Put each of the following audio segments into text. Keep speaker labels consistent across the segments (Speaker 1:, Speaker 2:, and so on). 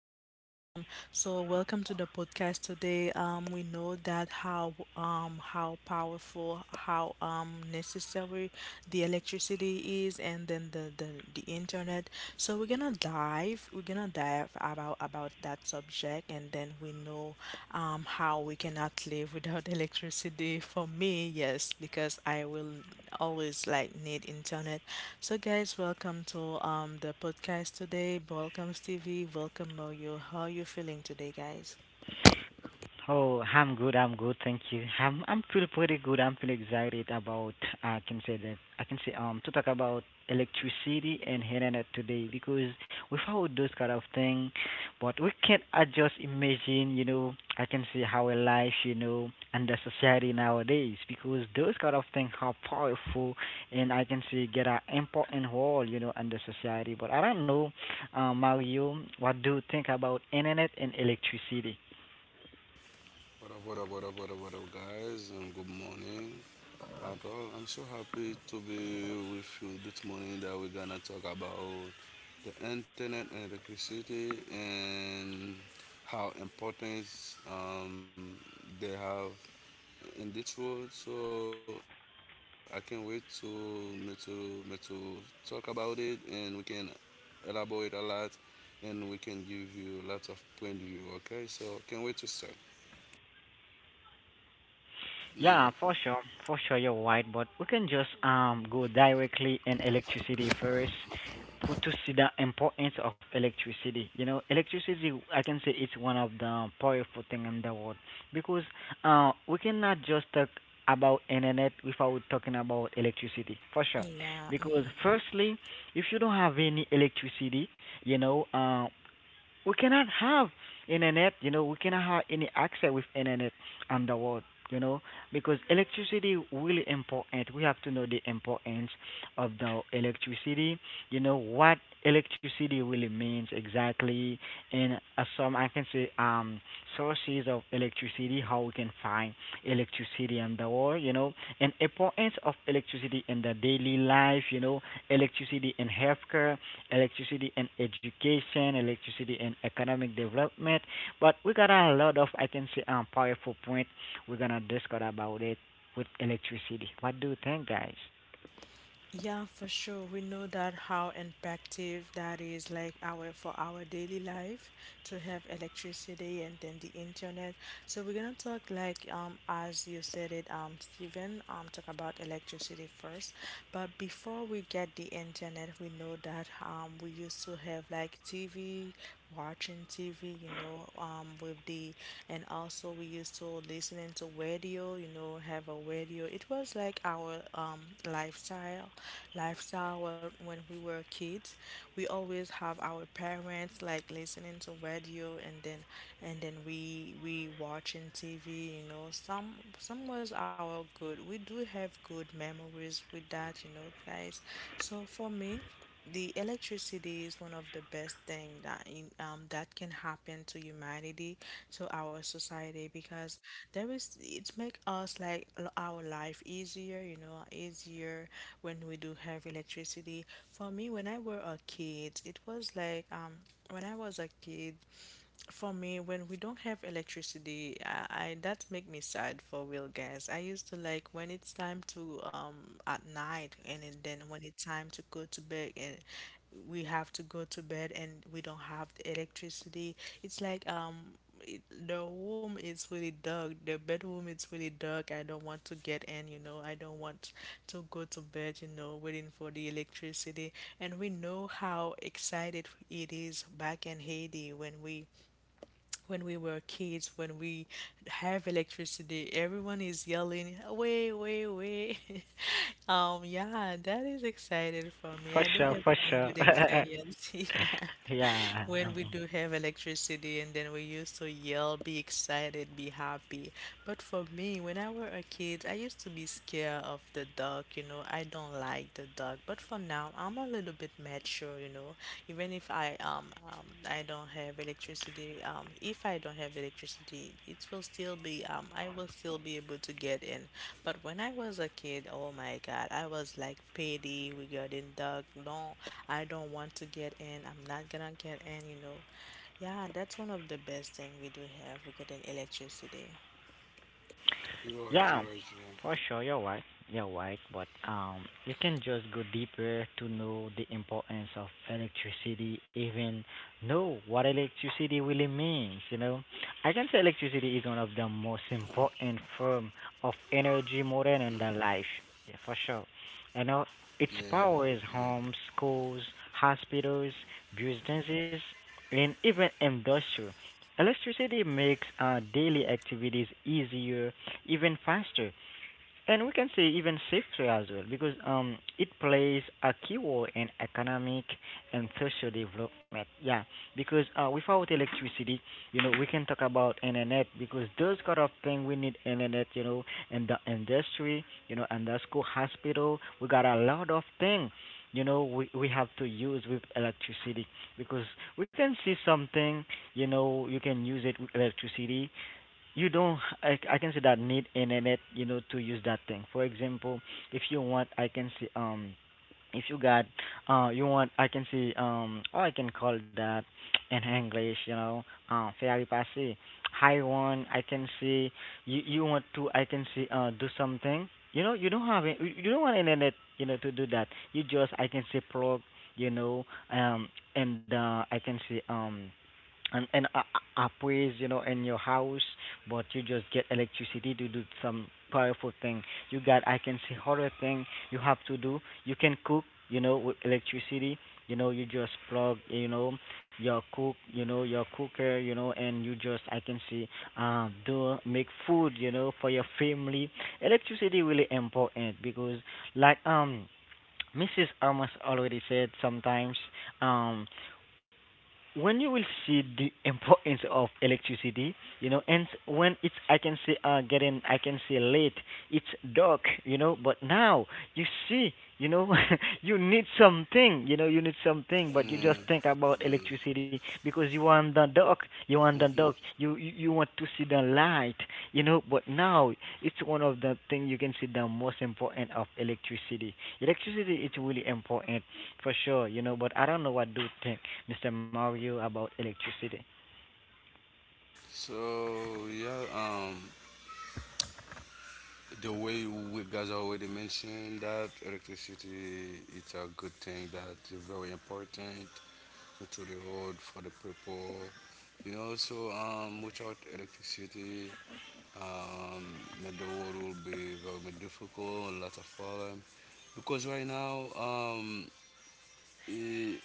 Speaker 1: Welcome, welcome. So welcome to
Speaker 2: Wow.
Speaker 1: the podcast today. We know that how powerful, how necessary the electricity is and then the internet. So we're gonna dive about that subject, and then we know how we cannot live without electricity. For me, yes, because I will always like need internet. So, guys, welcome to the podcast today. Welcome, Stevie. Welcome, Moyo. How you feeling today, guys?
Speaker 2: Oh, I'm good. I'm good. Thank you. I'm feel pretty good. I'm feel excited about I can say that I can say to talk about electricity and internet today because without those kind of thing, but we can't I just imagine, you know, I can see how a life, you know, and the society nowadays, because those kind of things are powerful and I can see get an important role, you know, in the society. But I don't know, Mario, what do you think about internet and electricity?
Speaker 3: What up, what up, what up, what up, what up, guys, and good morning. At all, I'm so happy to be with you this morning that we're gonna talk about the internet and electricity and how important um, they have in this world. So I can't wait to talk about it, and we can elaborate a lot, and we can give you lots of point of view. Okay, so can't wait to start. Yeah.
Speaker 2: Yeah, for sure, you're right. But we can just go directly in electricity first, put to see the importance of electricity. You know, electricity, I can say it's one of the powerful thing in the world because we cannot just talk about internet without talking about electricity for sure
Speaker 1: Yeah,
Speaker 2: because
Speaker 1: mhm.
Speaker 2: firstly if you don't have any electricity, you know, we cannot have internet, you know, we cannot have any access with internet on the world, you know, because electricity really important. We have to know the importance of the electricity, you know, what electricity really means exactly, and some I can say sources of electricity, how we can find electricity in the world, you know, and importance of electricity in the daily life, you know, electricity in healthcare, electricity and education, electricity and economic development. But we got a lot of, I can say, powerful point. We're gonna discuss about it with electricity. What do you think, guys?
Speaker 1: Yeah, for sure. We know that how impactive that is, like our for our daily life to have electricity and then the internet. So we're gonna talk like as you said it, Stephen, talk about electricity first. But before we get the internet, we know that we used to have like TV, watching TV, you know, with the, and also we used to listening to radio, you know, have a radio. It was like our lifestyle, lifestyle, when we were kids. We always have our parents like listening to radio, and then we watching TV. You know, some was our good. We do have good memories with that, you know, guys. So for me, the electricity is one of the best thing that in, that can happen to humanity, to our society, because there is it make us like our life easier, you know, easier, when we do have electricity. For me, when I were a kid, it was like when I was a kid. For me, when we don't have electricity, I that make me sad for real, guys. I used to like when it's time to at night, and then when it's time to go to bed, and we have to go to bed, and we don't have the electricity. It's like it, the room is really dark. The bedroom is really dark. I don't want to get in, you know. I don't want to go to bed, you know, waiting for the electricity. And we know how excited it is back in Haiti when we when we were kids, when we have electricity, everyone is yelling, away, away, away. Yeah, that is exciting for me.
Speaker 2: For
Speaker 1: I do
Speaker 2: sure,
Speaker 1: have
Speaker 2: for
Speaker 1: some
Speaker 2: sure.
Speaker 1: good experience. Yeah.
Speaker 2: Yeah.
Speaker 1: When we do have electricity and then we used to yell, be excited, be happy. But for me, when I were a kid, I used to be scared of the dark, you know. I don't like the dark. But for now, I'm a little bit mature, you know. Even if I I don't have electricity, if I don't have electricity, it will still be I will still be able to get in. But when I was a kid, oh my god, I was like petty regarding dog. No, I don't want to get in, I'm not gonna get in, you know. Yeah, that's one of the best thing we do have regarding electricity.
Speaker 3: You're
Speaker 2: Yeah,
Speaker 3: right, you're right, you're right.
Speaker 2: for sure, you're right. You're right, but you can just go deeper to know the importance of electricity, even know what electricity really means. You know, I can say electricity is one of the most important form of energy modern in the life. Yeah, for sure. You know,
Speaker 3: Yeah.
Speaker 2: it powers homes, schools, hospitals, businesses, and even industry. Electricity makes daily activities easier, even faster, and we can say even safer as well, because it plays a key role in economic and social development. Yeah, because without electricity, you know, we can talk about internet because those kind of thing we need internet, you know, in the industry, you know, and the school, hospital, we got a lot of thing, you know, we have to use with electricity because we can see something, you know, you can use it with electricity. You don't I can say that need internet, you know, to use that thing. For example, if you want I can see if you got you want I can see or I can call that in English, you know, fairy passé. I want I can see you you want to I can see do something. You know, you don't have it, you don't want internet, you know, to do that. You just I can see plug, you know, um and I can see and a a place, you know, in your house, but you just get electricity to do some powerful thing. You got I can say horror thing you have to do. You can cook, you know, with electricity. You know, you just plug, you know, your cook, you know, your cooker, you know, and you just I can see do make food, you know, for your family. Electricity really important because like Mrs. Amos already said sometimes um when you will see the importance of electricity, you know, and when it's I can say getting I can say late, it's dark, you know, but now you see, you know, you need something, you know, you need something, but you just
Speaker 3: Yeah.
Speaker 2: think about
Speaker 3: Mm-hmm.
Speaker 2: electricity because you want the dark, you want the dark,
Speaker 3: Mm-hmm.
Speaker 2: you want to see the light, you know, but now it's one of the thing you can see the most important of electricity. Electricity is really important for sure, you know, but I don't know what do you think, Mr. Mario, about electricity.
Speaker 3: So yeah, the way we guys already mentioned that electricity it's a good thing that is very important to the road for the people. You know, so without electricity, um, that the world will be very difficult, a lot of problem. Because right now, eh,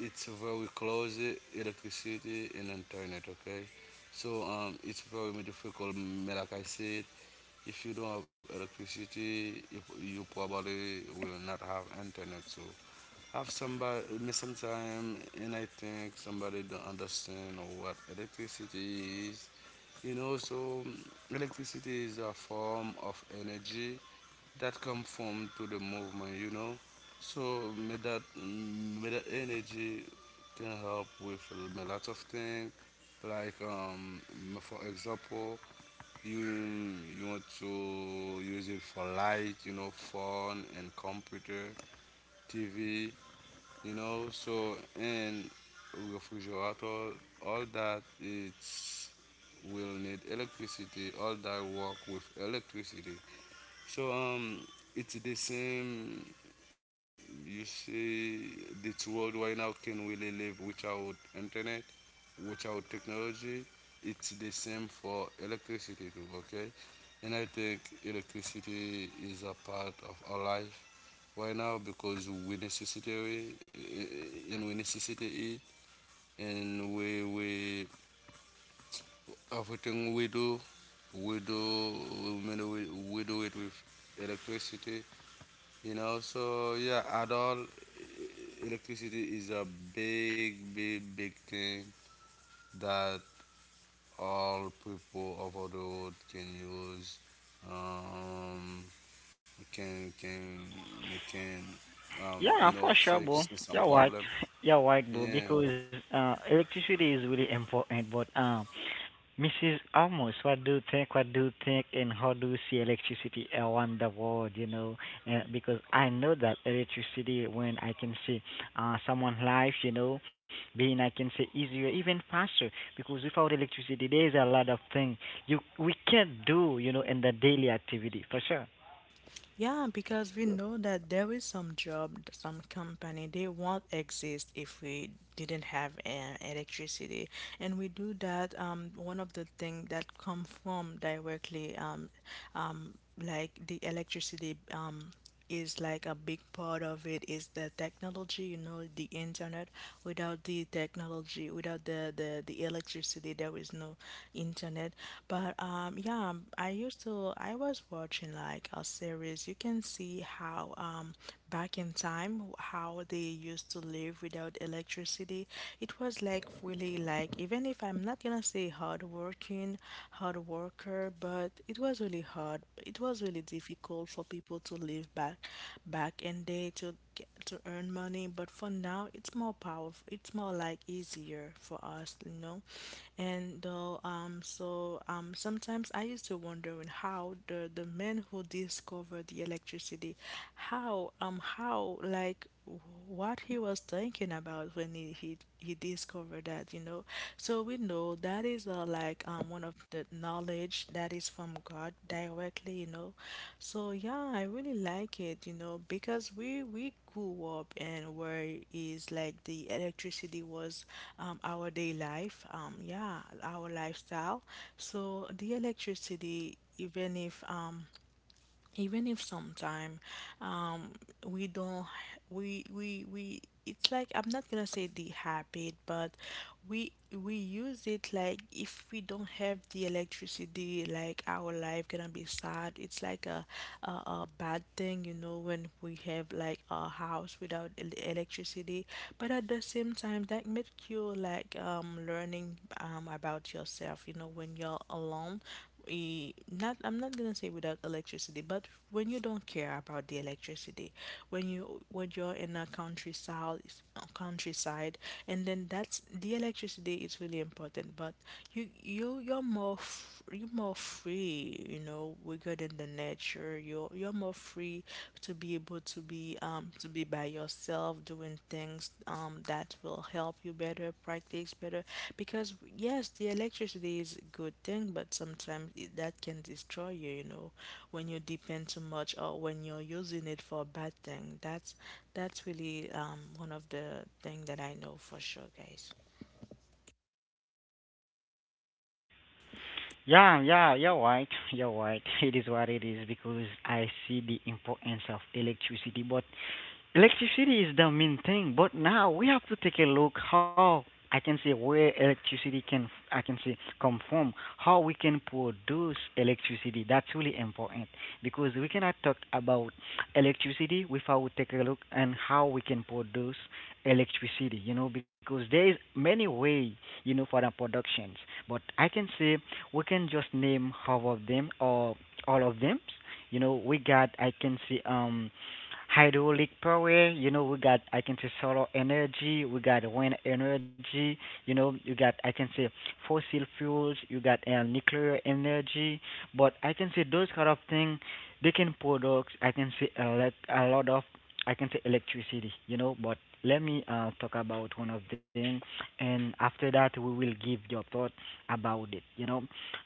Speaker 3: it's very close electricity and internet, okay, so it's very difficult, like I said, if you don't have electricity, you probably will not have internet, so have somebody me sometime. And I think somebody don't understand what electricity is, you know, so electricity is a form of energy that come from to the movement, you know. So may that energy can help with a lot of things. Like for example, you want to use it for light, you know, phone and computer, TV, you know. So and refrigerator, all that it's will need electricity. All that work with electricity. So it's the same. You see, this world right now can really live without internet, without technology. It's the same for electricity too. Okay, and I think electricity is a part of our life right now because we necessary it, and we necessitate it, and we everything we do, we do we do it with electricity. You know, so yeah, at all, electricity is a big, big, big thing that all people over the world can use. Um, can can can you
Speaker 2: Yeah,
Speaker 3: know
Speaker 2: for sure,
Speaker 3: fix
Speaker 2: bro.
Speaker 3: some
Speaker 2: You're right.
Speaker 3: problem.
Speaker 2: You're right, bro,
Speaker 3: Yeah,
Speaker 2: because electricity is really important, but Mrs. Almost, what do you think? What do you think? And how do you see electricity around the world? You know, because I know that electricity, when I can see someone's life, you know, being I can say easier, even faster. Because without electricity, there's a lot of things you we can't do, you know, in the daily activity for sure.
Speaker 1: Yeah, because we know that there is some job, some company, they won't exist if we didn't have electricity. And we do that, one of the things that come from directly um, like the electricity is like a big part of it is the technology, you know, the internet. Without the technology, without the electricity, there is no internet. But yeah, I used to I was watching like a series. You can see how back in time how they used to live without electricity. It was like really like even if I'm not gonna say hard working, hard worker, but it was really hard. It was really difficult for people to live back in day to get, to earn money, but for now it's more powerful. It's more like easier for us, you know. And though sometimes I used to wondering how the men who discovered the electricity, how like what he was thinking about when he discovered that, you know. So we know that is like one of the knowledge that is from God directly, you know. So yeah, I really like it, you know, because we grew up and where is like the electricity was our day life, yeah, our lifestyle. So the electricity, even if sometime, um we don't we it's like I'm not gonna say the habit, but we use it. Like if we don't have the electricity, like our life gonna be sad. It's like a bad thing, you know, when we have like a house without electricity. But at the same time, that makes you like learning about yourself, you know, when you're alone. Eh, not I'm not gonna say without electricity, but when you don't care about the electricity, when you when you're in a countryside, countryside, and then that's the electricity is really important. But you're more you're more free, you know, bigger than the nature. You're more free to be able to be by yourself, doing things that will help you better, practice better. Because yes, the electricity is a good thing, but sometimes it, that can destroy you. You know, when you depend too much or when you're using it for a bad thing. That's really one of the thing that I know for sure, guys.
Speaker 2: Yeah, yeah, you're right. You're right. It is what it is because I see the importance of electricity, but electricity is the main thing. But now we have to take a look how I can say where electricity can I can say come from, how we can produce electricity. That's really important because we cannot talk about electricity without take a look and how we can produce electricity. You know because there is many way, you know, for the productions, but I can say we can just name half of them or all of them. You know we got I can say hydraulic power. You know, we got I can say solar energy, we got wind energy. You know, you got I can say fossil fuels, you got nuclear energy. But I can say those kind of things, they can produce I can say a lot of I can say electricity. You know, but let me talk about one of them, and after that we will give your thought about it. You know,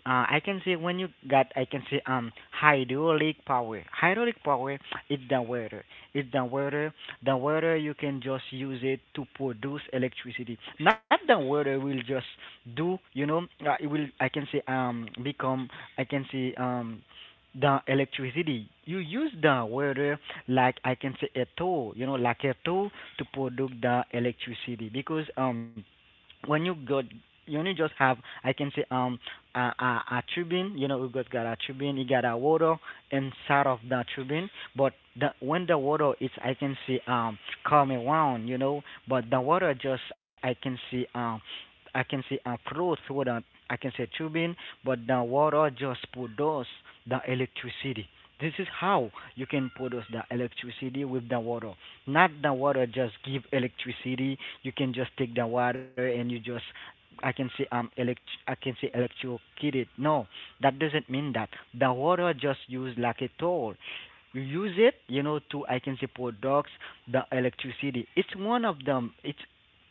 Speaker 2: I can say when you got, I can say hydraulic power. Hydraulic power is the water. It's the water. The water you can just use it to produce electricity. Not the water will just do. You know, it will. I can say become. I can say the electricity. You use the water like I can say a tool. You know, like a tool to produce the electricity because when you got you only just have I can say a a tubing, you know, we got a tubing, you got a water inside of that tubing. But the when the water is I can see come around, you know, but the water just I can see flow through the I can say tubing, but the water just produce the electricity. This is how you can produce the electricity with the water, not the water just give electricity. You can just take the water and you just I can say elect I can say electrocute it. No, that doesn't mean that. The water just used like a tool. You use it, you know, to I can say products the electricity. It's one of them. It's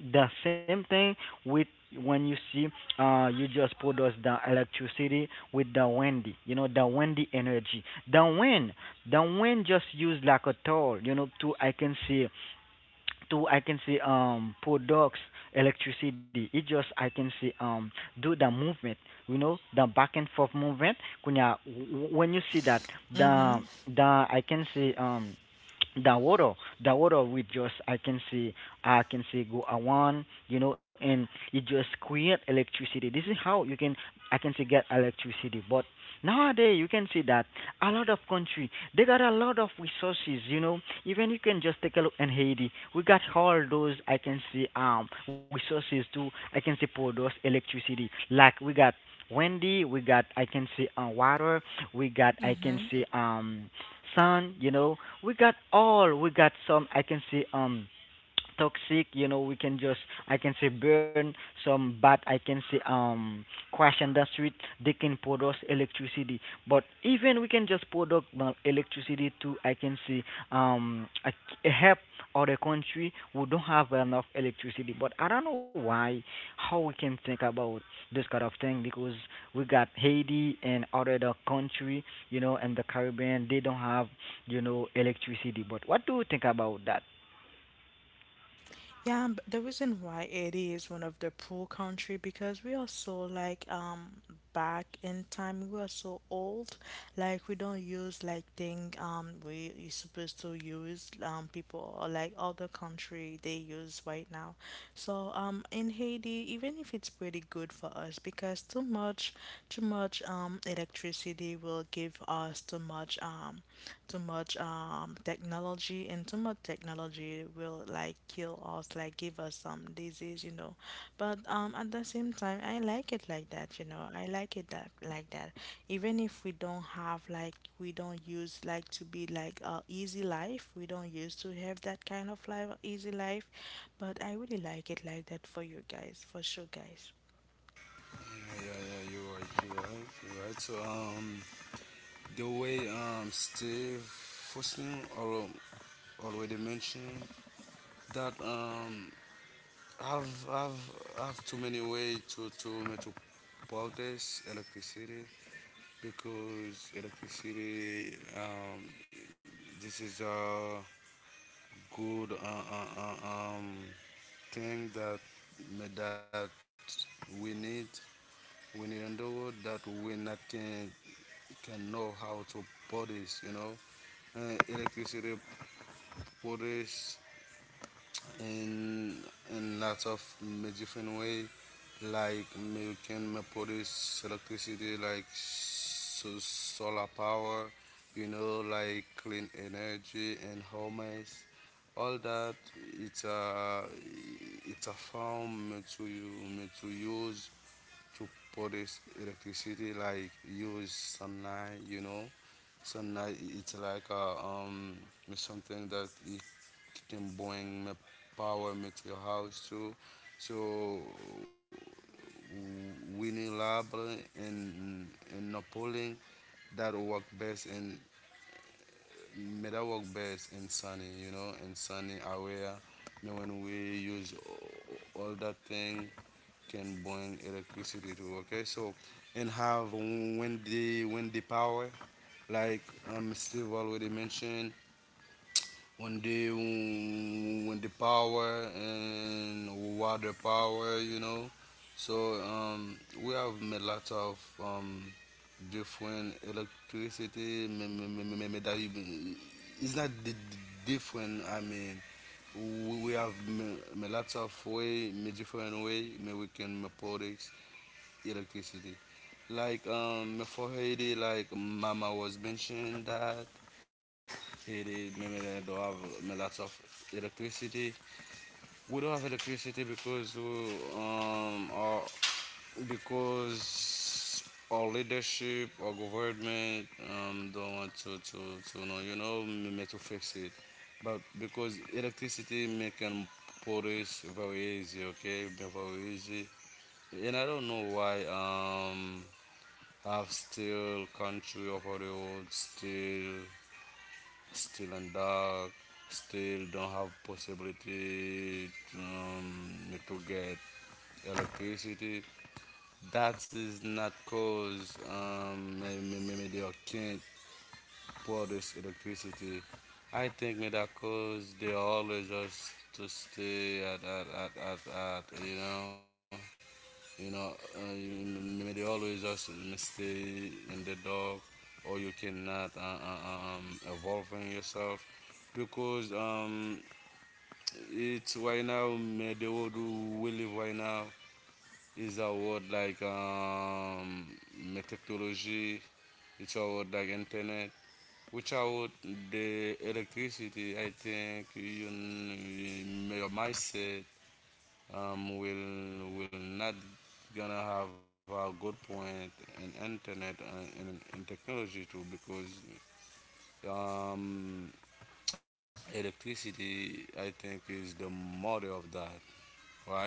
Speaker 2: the same thing with when you see you just produce the electricity with the windy, you know, the windy energy, the wind. The one just used like a tool, you know, to I can see to I can see products electricity. It just I can see do the movement, you know, the back and forth movement. When you when you see that the
Speaker 1: Mm-hmm.
Speaker 2: the I can see the water, the water we just I can see go around, you know, and it just create electricity. This is how you can I can see get electricity. But nowadays you can see that a lot of country they got a lot of resources, you know, even you can just take a look in Haiti, we got all those I can see resources too I can see products electricity. Like we got windy, we got I can see water, we got I can
Speaker 1: Mm-hmm.
Speaker 2: see sun, you know, we got all we got some I can see toxic, you know, we can just I can say burn some bad I can say question the street, they can produce electricity. But even we can just produce electricity to I can see um a, a help other country who don't have enough electricity, but I don't know why how we can think about this kind of thing, because we got Haiti and other the country, you know, and the Caribbean, they don't have, you know, electricity. But what do you think about that?
Speaker 1: Yeah, but the reason why Haiti is one of the poor country because we are so like back in time we are so old, like we don't use like thing we you supposed to use people or like other country they use right now. So in Haiti, even if it's pretty good for us because too much, electricity will give us too much much too much technology, and too much technology will like kill us, like give us some disease, you know. But at the same time, I like it like that, you know. I like it that like that, even if we don't have like we don't use like to be like a easy life, we don't used to have that kind of life, easy life. But I really like it like that for you guys, for sure, guys.
Speaker 3: yeah, yeah, yeah. You're right, you're right, you're right. So the way Steve Fosner already mentioned that I've I've I've too many ways to metro protest electricity. Because electricity, this is a good uh, um, thing that we need we need in the world, that we not can know how to produce, you know, electricity produce in in lots of different way. Like you can produce electricity like so solar power, you know, like clean energy and homes. All that it's a it's a form to you to use to produce electricity, like use sunlight, you know. Sunlight it's like a, something that it can bring me power me to your house too. So winning lab and and not pulling that work best, and may that work best in sunny, you know, in sunny area. You know, when we use all that thing can bring electricity to, okay. So and have, when the power, like Steve already mentioned. When the power and water power, you know. So we have made lots of different electricity it's not different, I mean, we have me, me lots of way me different way me we can make products electricity. Like for Haiti, like Mama was mentioned, that Haiti maybe they don't have, lots of electricity. We don't have electricity because because our leadership, our government, don't want to know, you know, maybe to fix it, but because electricity making police very easy, okay, very easy. And I don't know why, half still, country of the old, still, still and dark, still don't have possibility, to get electricity. That is not cause, maybe they can't produce electricity. I think maybe that cause they always just to stay at, you know, you know, uh, they always just stay in the dark, or you cannot evolve in yourself because, it's right now the world we live right now is a world like, technology. It's a world like internet. Which without the electricity, I think you, your mindset, will not gonna have a good point in internet and in, technology too, because, um, electricity I think is the mother of that, right.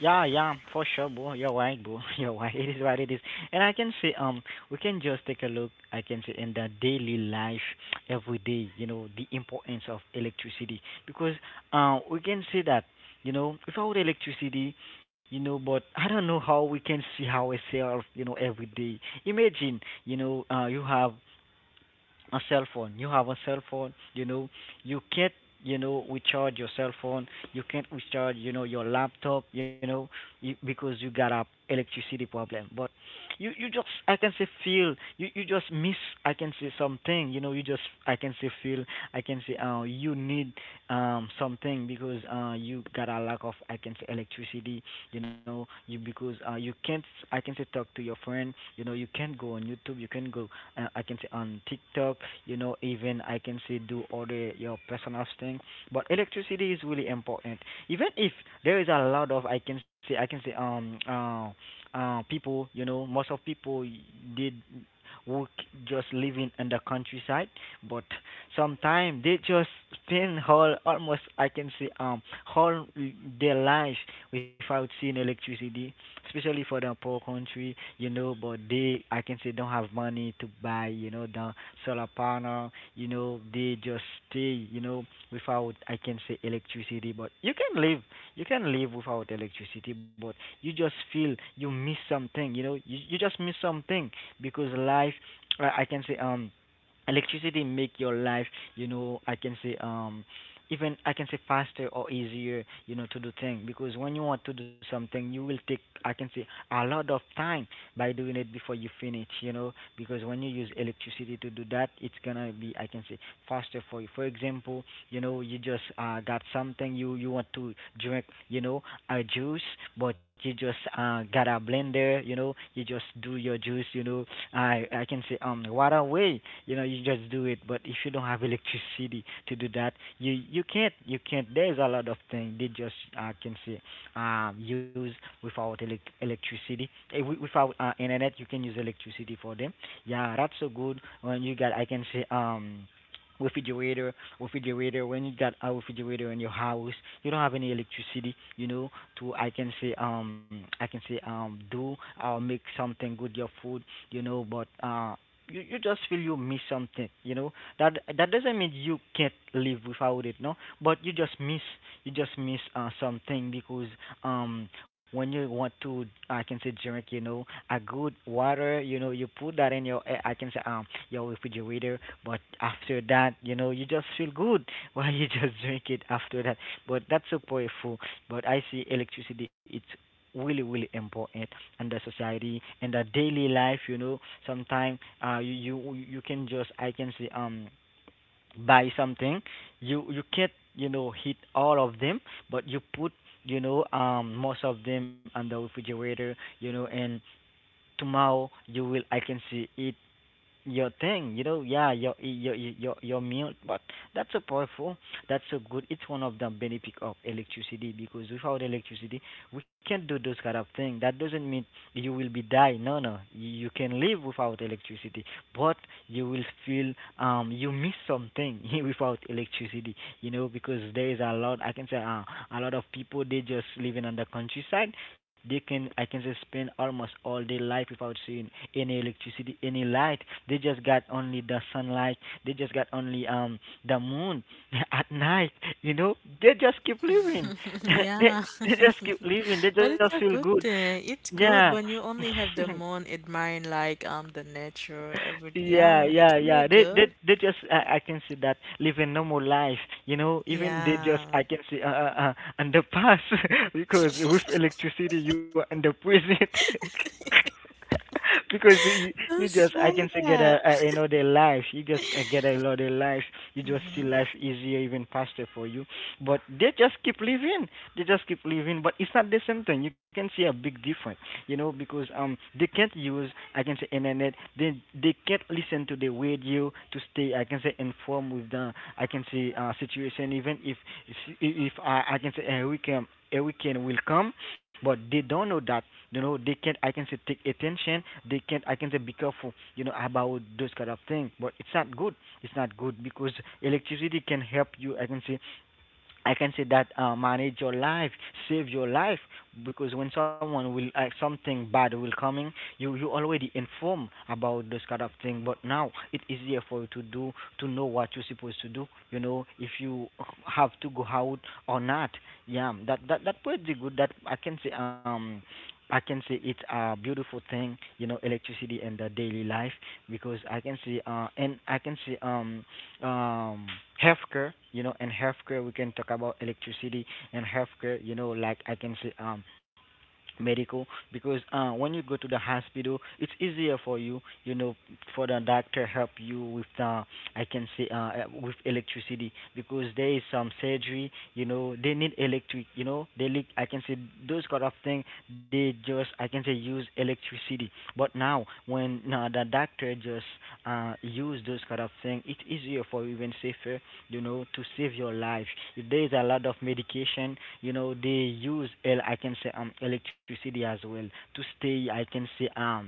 Speaker 2: Yeah, yeah, for sure, bro. You're right, bro. You're right. It is what it is. And I can say, we can just take a look. I can say in the daily life, every day, you know, the importance of electricity because, we can say that, you know, without electricity, you know, but I don't know how we can see ourselves, you know, every day. Imagine, you know, you have a cell phone. You have a cell phone, you know, you can't, recharge your cell phone. You can't recharge, your laptop, you know, you, because you got a electricity problem. But you just, I can say feel, you just miss, I can say something, you just, I can say feel, I can say, you need, something because, you got a lack of, I can say electricity, you, because, you can't, I can say talk to your friend, you know, you can't go on YouTube, you can not go I can say on TikTok, you know, even I can say do all the your personal thing. But electricity is really important. Even if there is a lot of I can say people, you know, most of people did work just living in the countryside, but sometimes they just spend whole almost I can say whole their life without seeing electricity, especially for the poor country you know, but they, I can say, don't have money to buy, you know, the solar panel, you know, they just stay, you know, without, I can say, electricity. But you can live without electricity, but you just feel you miss something, you, you just miss something because life, I can say, electricity make your life you know I can say even I can say faster or easier you know to do things because when you want to do something you will take I can say a lot of time by doing it before you finish, you know, because when you use electricity to do that, it's gonna be, I can say, faster for you. For example, you know, you just got something you want to drink, you know, a juice, but you just got a blender, you know, you just do your juice, I can say what a way, you know, you just do it. But if you don't have electricity to do that, you can't There's a lot of things they just I can say use without electricity. Without internet, you can use electricity for them. Yeah, that's so good. When you got, I can say refrigerator refrigerator, when you got a refrigerator in your house you don't have any electricity you know to I can say do or make something good your food you know but you just feel you miss something you know that doesn't mean you can't live without it, no, but you just miss something because when you want to I can say drink, you know, a good water, you know, you put that in your I can say your refrigerator, but after that, you know, you just feel good while you just drink it after that. But that's so powerful. But I see electricity it's really really important in the society in the daily life you know sometimes you can just I can say buy something you can't you know heat all of them but you put you know most of them on the refrigerator you know and tomorrow you will I can see it your thing, you know, yeah, your meal, but that's so powerful. That's so good. It's one of the benefit of electricity because without electricity, we can't do those kind of thing. That doesn't mean you will be die. No, no, you can live without electricity, but you will feel you miss something without electricity. You know because there is a lot. I can say a lot of people they just living on the countryside. They can I can just spend almost all their life without seeing any electricity, any light. They just got only the sunlight. They just got only the moon at night. You know, they just keep living. they
Speaker 1: Yeah.
Speaker 2: they just keep living. They
Speaker 1: But
Speaker 2: just
Speaker 1: it's
Speaker 2: feel
Speaker 1: a
Speaker 2: good.
Speaker 1: good thing. It's
Speaker 2: Yeah.
Speaker 1: good when you only have the moon, admiring like the nature, every yeah,
Speaker 2: Yeah,
Speaker 1: it's
Speaker 2: yeah,
Speaker 1: really
Speaker 2: yeah. They, they,
Speaker 1: good.
Speaker 2: they just. I can see that living normal life. You know, even they just.
Speaker 1: Yeah.
Speaker 2: I can see underpass because with electricity you are under prison. because you
Speaker 1: Don't
Speaker 2: just. I
Speaker 1: say
Speaker 2: can say get a,
Speaker 1: that.
Speaker 2: you know their life. You just get a lot of life. You just see
Speaker 1: Mm-hmm.
Speaker 2: life easier, even faster for you. But they just keep living. They just keep living. But it's not the same thing. You can see a big difference you know, because they can't use I can say internet. They can't listen to the radio to stay I can say informed with the I can say situation. Even if I can say a weekend will come, but they don't know that you know they can't I can say take attention. They can't I can say be careful you know about those kind of things. But it's not good. It's not good because electricity can help you I can say that manage your life, save your life, because when someone will something bad will coming, you already inform about this kind of thing. But now it easier for you to do to know what you're supposed to do. You know if you have to go out or not. Yeah, that pretty good. That I can say it's a beautiful thing, you know, electricity in the daily life because I can see and I can see um healthcare you know and healthcare we can talk about electricity and healthcare you know like I can say medical because when you go to the hospital it's easier for you you know for the doctor help you with the I can say with electricity because there is some surgery you know they need electric you know they leak I can say those kind of thing they just I can say use electricity but now when the doctor just use those kind of thing it's easier for you and safer you know, to save your life. There is a lot of medication, you know, they use, I can say, electricity as well to stay, I can say,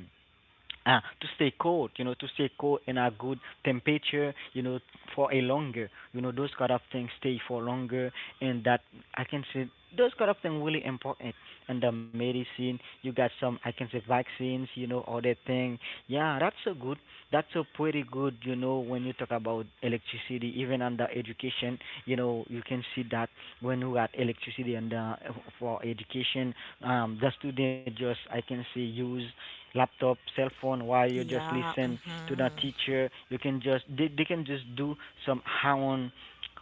Speaker 2: Ah, to stay cold, you know, to stay cold in a good temperature, you know, for a longer, you know, those kind of things stay for longer, and that I can say those kind of things really important. And the medicine, you got some, I can say vaccines, you know, all that thing. Yeah, that's so good. That's so pretty good, you know, when you talk about electricity, even under education, you know, you can see that when you got electricity and for education, the student just, I can say, use laptop, cell phone, while you just
Speaker 1: Yeah.
Speaker 2: listen to the
Speaker 1: Mm-hmm.
Speaker 2: teacher. You can just they can just do some own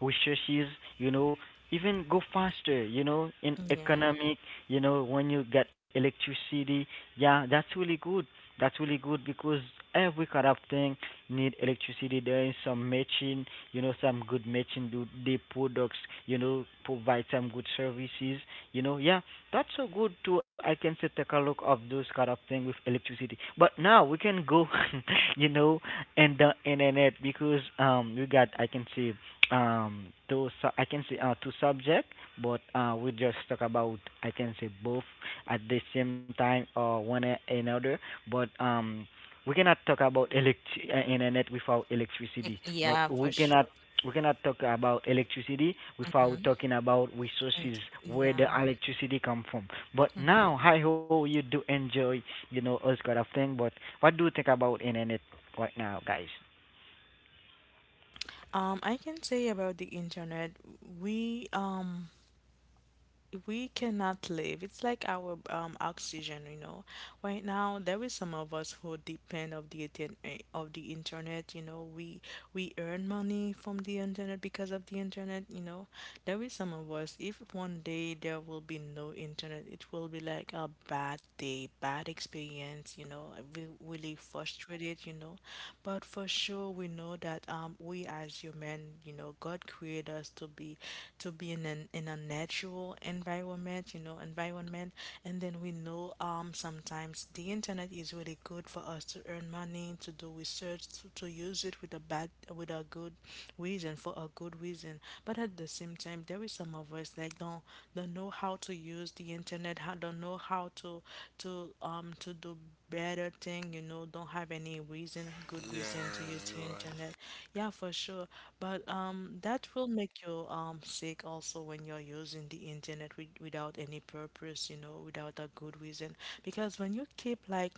Speaker 2: researches, you know, even go faster, you know, in
Speaker 1: Yeah.
Speaker 2: economic, you know, when you get electricity. Yeah, that's really good. That's really good because every kind of thing need electricity. There is some matching, you know, some good matching do the products, you know, provide some good services, you know. Yeah, that's so good too. I can say take a look of those kind of thing with electricity. But now we can go, you know, in the internet because we got I can see I can see two subject, but we just talk about I can say both at the same time or one another. But we cannot talk about internet without
Speaker 1: It,
Speaker 2: electricity. But
Speaker 1: yeah, for sure.
Speaker 2: we cannot talk about electricity without
Speaker 1: Mm-hmm.
Speaker 2: talking about resources where the
Speaker 1: Yeah.
Speaker 2: electricity come from. But
Speaker 1: Mm-hmm.
Speaker 2: now, I hope you do enjoy, you know, us kind of thing. But what do you think about internet right now, guys?
Speaker 1: I can say about the internet, we um we cannot live. It's like our oxygen, you know. Right now, there is some of us who depend of the of the internet. You know, we earn money from the internet, because of the internet. You know, there is some of us. If one day there will be no internet, it will be like a bad day, bad experience. You know, we really frustrated, you know. But for sure we know that we as human, you know, God created us to be to be in an in a natural environment, you know, environment. And then we know sometimes the internet is really good for us to earn money, to do research, to use it with a bad, with a good reason, for a good reason. But at the same time, there is some of us like don't know how to use the internet, how don't know how to to do better thing, you know, don't have any reason, good
Speaker 3: Yeah,
Speaker 1: reason, to use the
Speaker 3: you're
Speaker 1: internet.
Speaker 3: right.
Speaker 1: Yeah, for sure. But that will make you sick also, when you're using the internet without any purpose, you know, without a good reason. Because when you keep like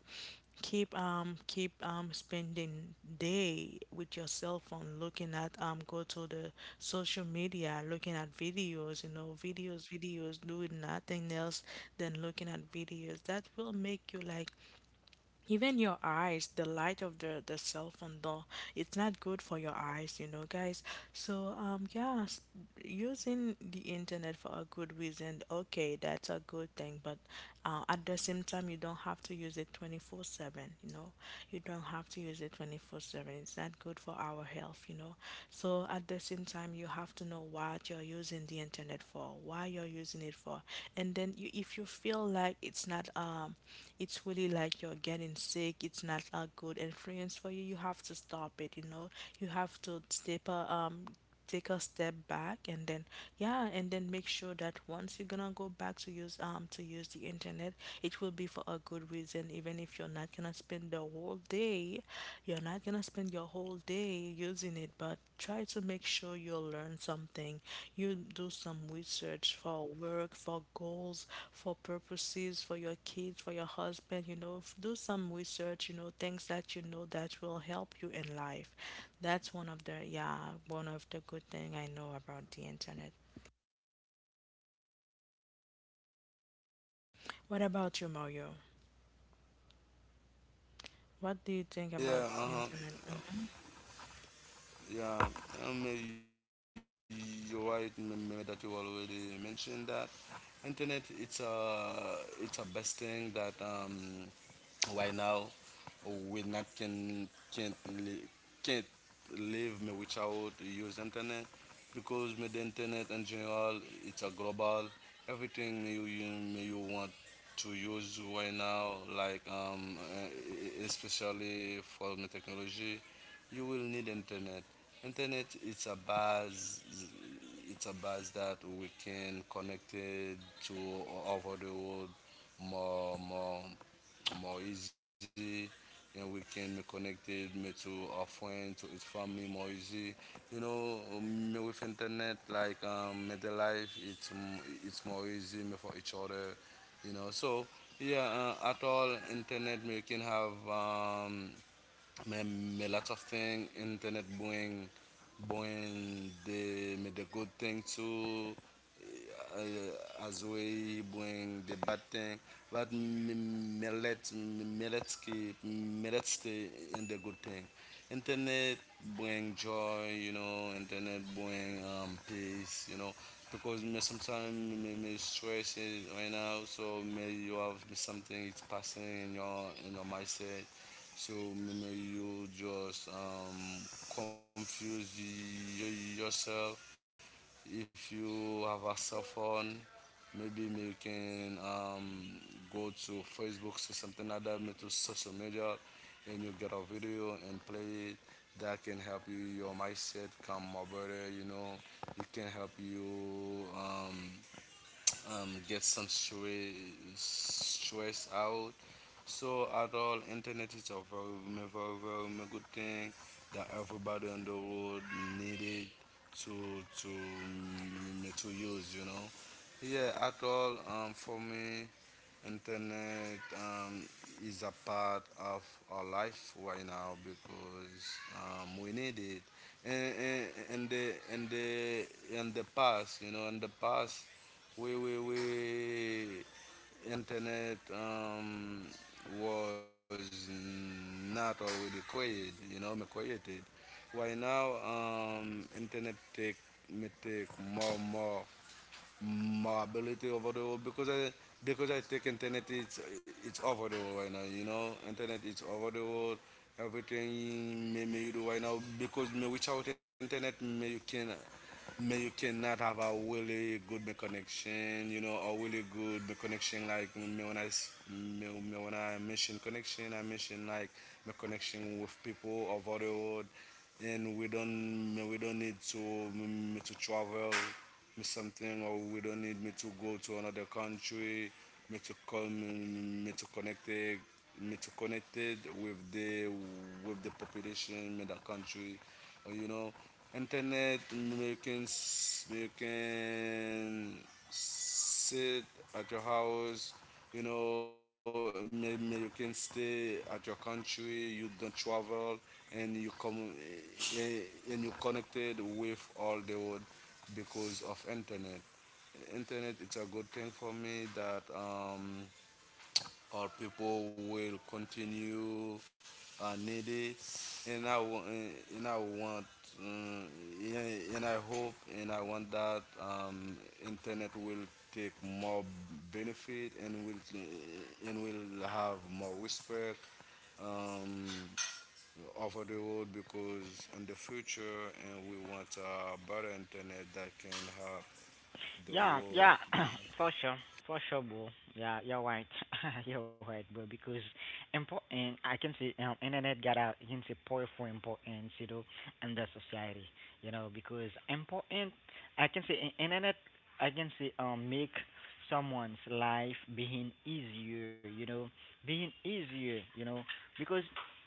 Speaker 1: keep keep spending day with your cell phone, looking at go to the social media, looking at videos, you know, videos, doing nothing else than looking at videos, that will make you like even your eyes, the light of the cell phone though, it's not good for your eyes, you know, guys. So yeah, using the internet for a good reason, okay, that's a good thing. But at the same time, you don't have to use it 24/7, you know, you don't have to use it 24/7. It's not good for our health, you know. So at the same time, you have to know what you're using the internet for, why you're using it for, and then if you feel like it's not, it's really like you're getting sick, it's not a good influence for you, you have to stop it, you know, you have to take a step back and then yeah, and then make sure that once you're gonna go back to use the internet, it will be for a good reason. Even if you're not gonna spend the whole day, you're not gonna spend your whole day using it, but try to make sure you learn something, you do some research for work, for goals, for purposes, for your kids, for your husband, you know, do some research, you know, things that you know that will help you in life. That's one of the yeah, one of the good thing I know about the internet. What about you, Mario? What do you think about
Speaker 3: Yeah,
Speaker 1: the
Speaker 3: uh-huh,
Speaker 1: internet? Hmm.
Speaker 3: yeah. um, you're right, that you already mentioned that internet it's a best thing that, right now we not li- can't live me without use internet. Because me the internet in general it's a global everything, me, you me you want to use right now, like especially for the technology. You will need internet. Internet it's a base, that we can connect it to over the world, more more more easy, and we can be connected me to our friend to his family, more easy. You know, me with internet, like me the life, it's more easy me for each other, you know. So yeah, at all, internet me can have, me, me lots of thing internet bring, the me the good thing too, as we bring the bad thing. But me, let's keep, me, let's stay in the good thing. Internet bring joy, you know. Internet bring, peace, you know, because me sometimes, me, me stress is right now. So me you have something it's passing in your mindset, so you know, you just, confuse yourself. If you have a cell phone, maybe you can, go to Facebook, see something like that, maybe to social media, and you get a video and play it. That can help you your mindset come more better. You know, it can help you, get some stress out. So at all, internet is a very, very, very, very good thing that everybody on the world needed to, to use. You know, yeah. At all, for me, internet, is a part of our life right now, because, we need it. And, and, and the In the past, you know, in the past, we internet, was not already created, you know, me created. Right now, internet take me take more my ability over the world, because I, take internet, it's over the world right now. You know, internet it's over the world. Everything, may you do right now, because may without internet, may you cannot have a really good me connection. You know, a really good me connection, like me when I s- me, me when I mention connection, I mention like my connection with people over the world. And we don't, me we don't need to me to travel me something, or we don't need me to go to another country, me to come, me to connect it, me to connected with the, population in the country, or, you know, internet you can, can sit at your house. You know, may you can stay at your country, you don't travel, and you come, and you connected with all the world because of internet. Internet it's a good thing for me that, our people will continue, need it, and I and I want, um, yeah, and I hope and I want that, internet will take more benefit, and will, have more respect, um, over the world, because in the future, and we want a better internet that can have the
Speaker 2: Yeah,
Speaker 3: world,
Speaker 2: yeah,
Speaker 3: you know.
Speaker 2: for sure, for sure, bro. Yeah, you're right, you're right, bro. Because important, I can say, internet got a you can say powerful importance, you know, in the society, you know, because important, I can say, internet, I can say, make someone's life being easier, you know, being easier, you know, because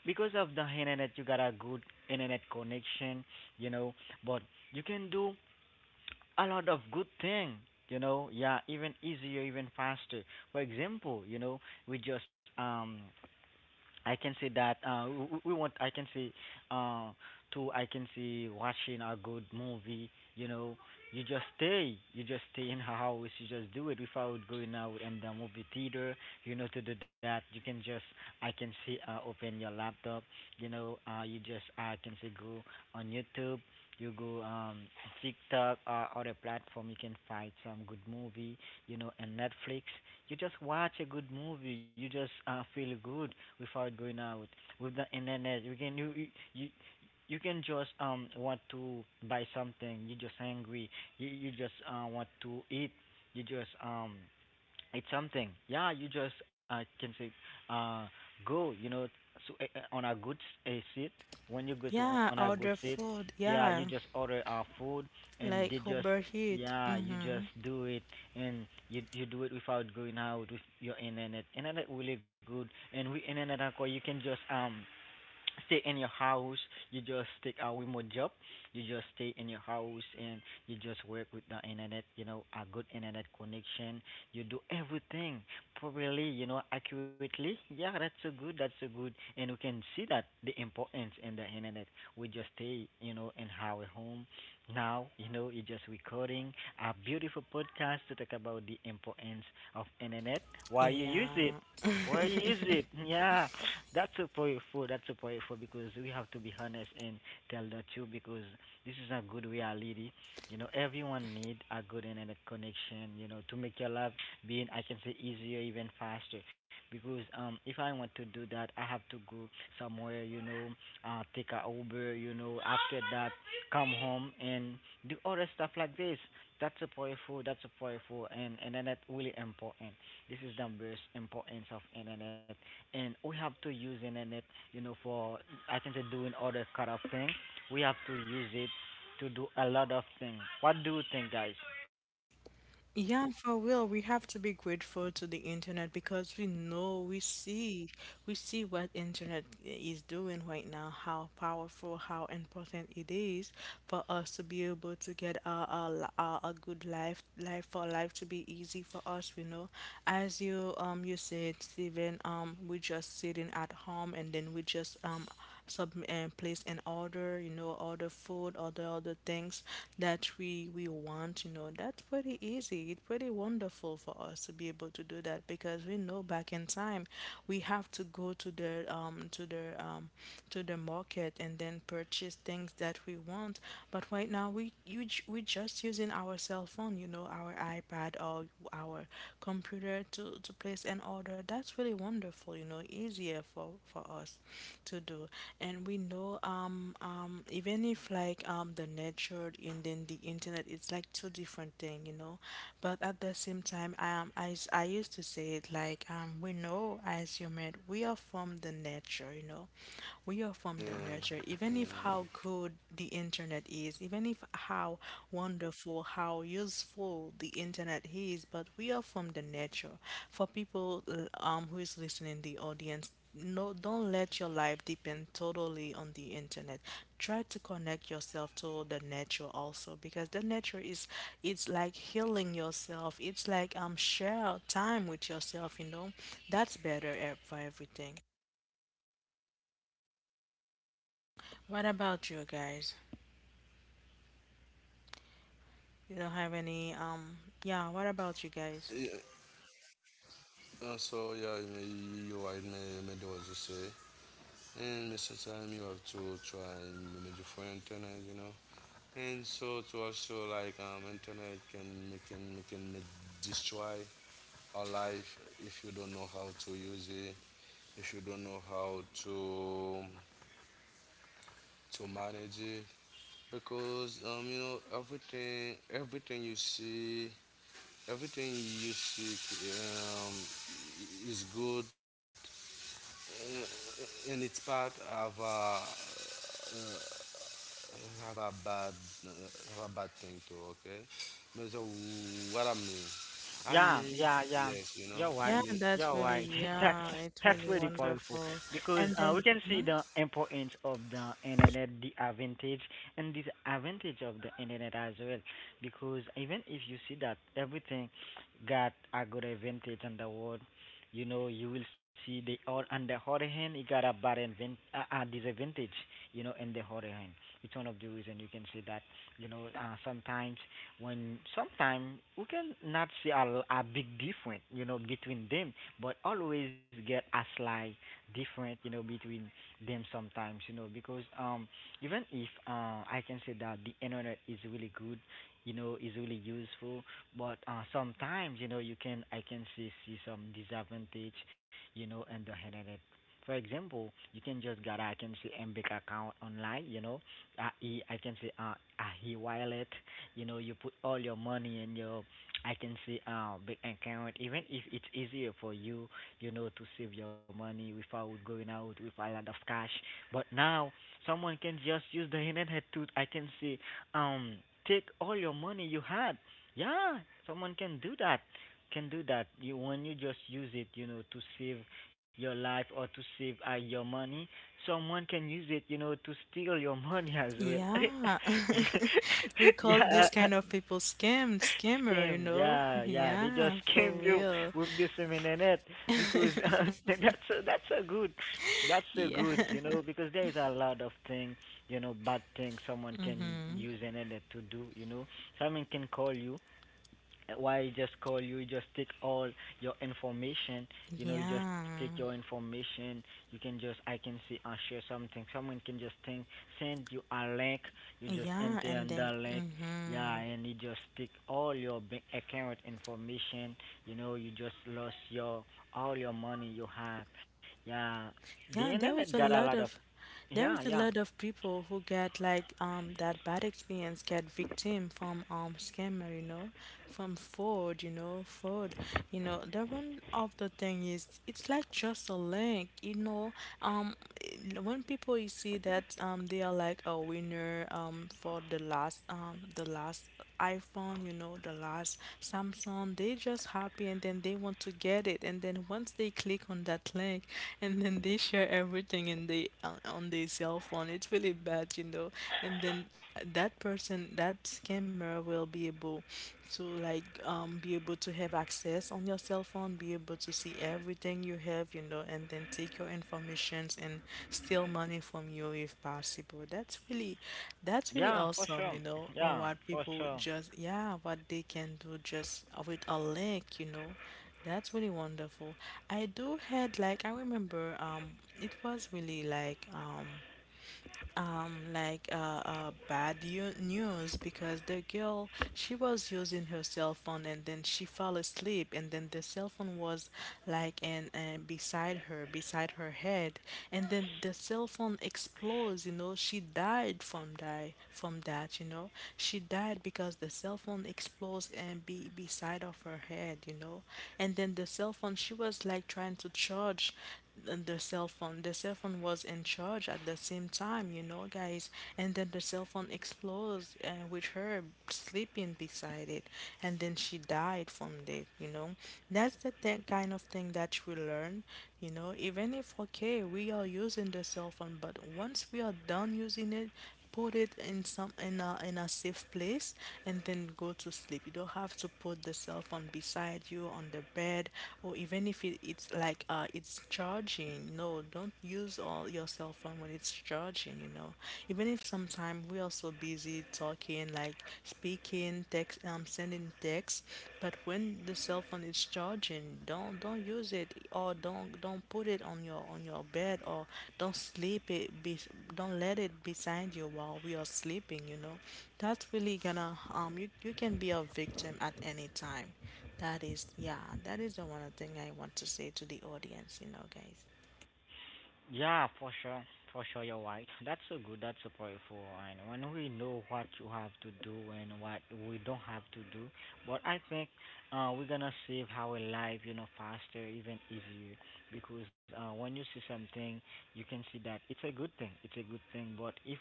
Speaker 2: because of the internet, you got a good internet connection, you know, but you can do a lot of good thing you know yeah even easier even faster for example you know we just I can say that we want. I can say uh, to. I can say watching a good movie. You know, you just stay. You just stay in her house. You just do it without going out in the movie theater. You know, to do that, you can just. I can see. Open your laptop. You know, you just. I can say go on YouTube. You go TikTok or other platform. You can find some good movie. You know, and Netflix. You just watch a good movie. You just feel good without going out with the internet. You can you you you You can just want to buy something. You just angry. You just want to eat. You just it's something, yeah, you just can say uh go, you know, so on a good seat when you go to.
Speaker 1: Yeah,
Speaker 2: On a good
Speaker 1: order
Speaker 2: seat,
Speaker 1: food.
Speaker 2: yeah, you
Speaker 1: Yeah,
Speaker 2: just order our food and
Speaker 1: like
Speaker 2: they just,
Speaker 1: Uber Eats.
Speaker 2: yeah, you
Speaker 1: Mm-hmm.
Speaker 2: just do it. And you do it without going out with your internet. Internet really good, and with internet alcohol you can just stay in your house. You just take a remote job. You just stay in your house and you just work with the internet. You know, a good internet connection. You do everything properly. You know, accurately. Yeah, that's so good. That's so good. And we can see that the importance in the internet. We just stay, you know, in our home. Now, you know, you're just recording a beautiful podcast to talk about the importance of internet. Why you use it?
Speaker 1: Yeah.
Speaker 2: Why you use it? Yeah. That's so powerful. That's so powerful because we have to be honest and tell the truth because this is a good reality. You know, everyone need a good internet connection. You know, to make your life being, I can say, easier, even faster. Because if I want to do that, I have to go somewhere. You know, take a Uber. You know, after that, come home and do other stuff like this. That's a powerful. That's a powerful, and internet really important. This is the most importance of internet and we have to use internet, you know, for, I can say, doing other kind of things. We have to use it to do a lot of things. What do you think, guys?
Speaker 1: Yeah, for real, we have to be grateful to the internet, because we know, we see what internet is doing right now, how powerful, how important it is for us to be able to get a good life, life for life to be easy for us. We know. As you said, Stephen, um, we just sitting at home and then we just sub and place an order, you know, order food, order other things that we want, you know. That's pretty easy, it's pretty wonderful for us to be able to do that, because we know back in time we have to go to the to the market and then purchase things that we want. But right now we, we just using our cell phone, you know, our iPad, or our computer to place an order. That's really wonderful, you know, easier for us to do. And we know even if like the nature and then the internet, it's like two different thing, you know. But at the same time I used to say it like we know as human we are from the nature, you know. We are from the nature. Even if how good the internet is, yes, even if how wonderful, how useful the internet is, but we are from the nature. For people who is listening, the audience, no, don't let your life depend totally on the internet. Try to connect yourself to the nature also, because the nature is it's like healing yourself. It's like share time with yourself. You know, that's better eh, for everything. What about you guys? You don't have any yeah. What
Speaker 3: Yeah,
Speaker 1: about you guys?
Speaker 3: so yeah, you you're right, may do what you say. And Mr. Time, you have to try and make different internet, you know. And so to also, like, internet can make can make can make destroy our life, if you don't know how to use it, if you don't know how to manage it, because, you know everything you see, um is good. In its part have a, have a bad thing too. Okay, no, so what I mean, I
Speaker 2: Yeah,
Speaker 3: mean
Speaker 2: yeah, yeah.
Speaker 3: yes, you know,
Speaker 2: You're
Speaker 1: Yeah,
Speaker 2: right.
Speaker 3: me,
Speaker 1: and that's
Speaker 2: You're
Speaker 3: yeah.
Speaker 1: really,
Speaker 2: right. That's
Speaker 1: yeah,
Speaker 2: that's
Speaker 1: it's really
Speaker 2: really powerful
Speaker 1: wonderful.
Speaker 2: because
Speaker 1: And
Speaker 2: we
Speaker 1: then,
Speaker 2: can see the
Speaker 1: mhm.
Speaker 2: importance of the internet, the advantage and disadvantage of the internet as well. Because even if you see that everything got a good advantage in the world, you know, you will see the all on the other hand it got a bad invent disadvantage. You know, in the other hand, it's one of the reason you can see that, you know, sometimes when sometimes we can not see a big difference, you know, between them, but always get a slight different, you know, between them sometimes, you know, because even if I can say that the internet is really good, you know, is really useful, but sometimes, you know, you can I can see some disadvantage, you know, in the internet. For example, you can just get, I can say, MBIC account online, you know, I can say a e wallet. You know, you put all your money in your, I can say, bank account. Even if it's easier for you, you know, to save your money without going out with a lot of cash, but now someone can just use the internet to, I can say, um take all your money you had. Yeah, someone can do that, you when you just use it, you know, to save your life or to save your money. Someone can use it, you know, to steal your money as well.
Speaker 1: Yeah, we call this
Speaker 2: Yeah,
Speaker 1: kind of people scam, scammer, you
Speaker 2: scam.
Speaker 1: know?
Speaker 2: Yeah, yeah. They just
Speaker 1: Yeah, for
Speaker 2: scam you
Speaker 1: real.
Speaker 2: with this internet because that's a
Speaker 1: Yeah,
Speaker 2: good, you know, because there is a lot of thing, you know, bad thing someone can use internet to do, you know. Someone can call you, why just call you, you just take all your information, you know, you just
Speaker 1: yeah,
Speaker 2: take your information, you can just, I can see, I share something, someone can just think, send you a link, you just
Speaker 1: yeah,
Speaker 2: enter
Speaker 1: and
Speaker 2: on
Speaker 1: then,
Speaker 2: that link,
Speaker 1: mm-hmm.
Speaker 2: yeah, and you just take all your bank account information, you know, you just lost your, all your money you have, yeah, the
Speaker 1: Yeah,
Speaker 2: internet
Speaker 1: there
Speaker 2: got
Speaker 1: is a
Speaker 2: a lot
Speaker 1: lot
Speaker 2: of,
Speaker 1: of, there
Speaker 2: yeah,
Speaker 1: is a
Speaker 2: yeah,
Speaker 1: lot of people who get like that bad experience, get victim from scammer, you know, from fraud. You know, the one of the thing is it's like just a link, you know. Um eh, when people you see that they are like a winner for the last iPhone, you know, the last Samsung, they just happy and then they want to get it. And then once they click on that link and then they share everything in the on their cell phone, it's really bad, you know. And then that person, that scammer will be able to like be able to have access on your cell phone, be able to see everything you have, you know, and then take your informations and steal money from you if possible. That's really, that's really
Speaker 2: yeah, for
Speaker 1: awesome,
Speaker 2: sure,
Speaker 1: you know,
Speaker 2: yeah,
Speaker 1: what
Speaker 2: for
Speaker 1: people
Speaker 2: sure.
Speaker 1: just yeah, what they can do just with a link, you know. That's really wonderful. I do had like I remember it was really like uh, bad news, because the girl she was using her cell phone and then she fell asleep, and then the cell phone was like and beside her head, and then the cell phone explodes, you know, she died from die from that, you know. She died because the cell phone explodes and be beside of her head, you know. And then the cell phone she was like trying to charge the cell phone, the cell phone was in charge at the same time, you know, guys. And then the cell phone explodes with her sleeping beside it. And then she died from it, you know. That's the kind of thing that we learn, you know. Even if, okay, we are using the cell phone, but once we are done using it, put it in some in a safe place and then go to sleep. You don't have to put the cell phone beside you on the bed, or even if it, it's like it's charging. No, don't use all your cell phone when it's charging, you know. Even if sometimes we are so busy talking, like speaking, text sending text, but when the cell phone is charging, don't use it, or don't put it on your bed, or don't sleep it be, don't let it beside you while we are sleeping, you know. That's really gonna you can be a victim at any time. That is yeah, that is the one thing I want to say to the audience, you know, guys.
Speaker 2: Yeah, for sure. For sure, you're right. That's so good. That's so powerful. And when we know what you have to do and what we don't have to do, but I think we're gonna save our life, you know, faster, even easier. Because when you see something, you can see that it's a good thing. It's a good thing. But if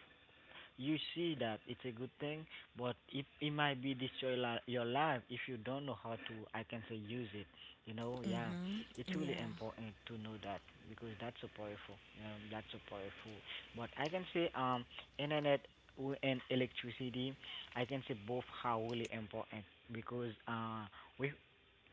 Speaker 2: you see that it's a good thing, but it might be destroy your life if you don't know how to. I can say use it. You know, yeah,
Speaker 1: Mhm.
Speaker 2: it's really
Speaker 1: Yeah.
Speaker 2: important to know that because that's so powerful. You know, that's so powerful. But I can say internet and electricity, I can say, both are really important because with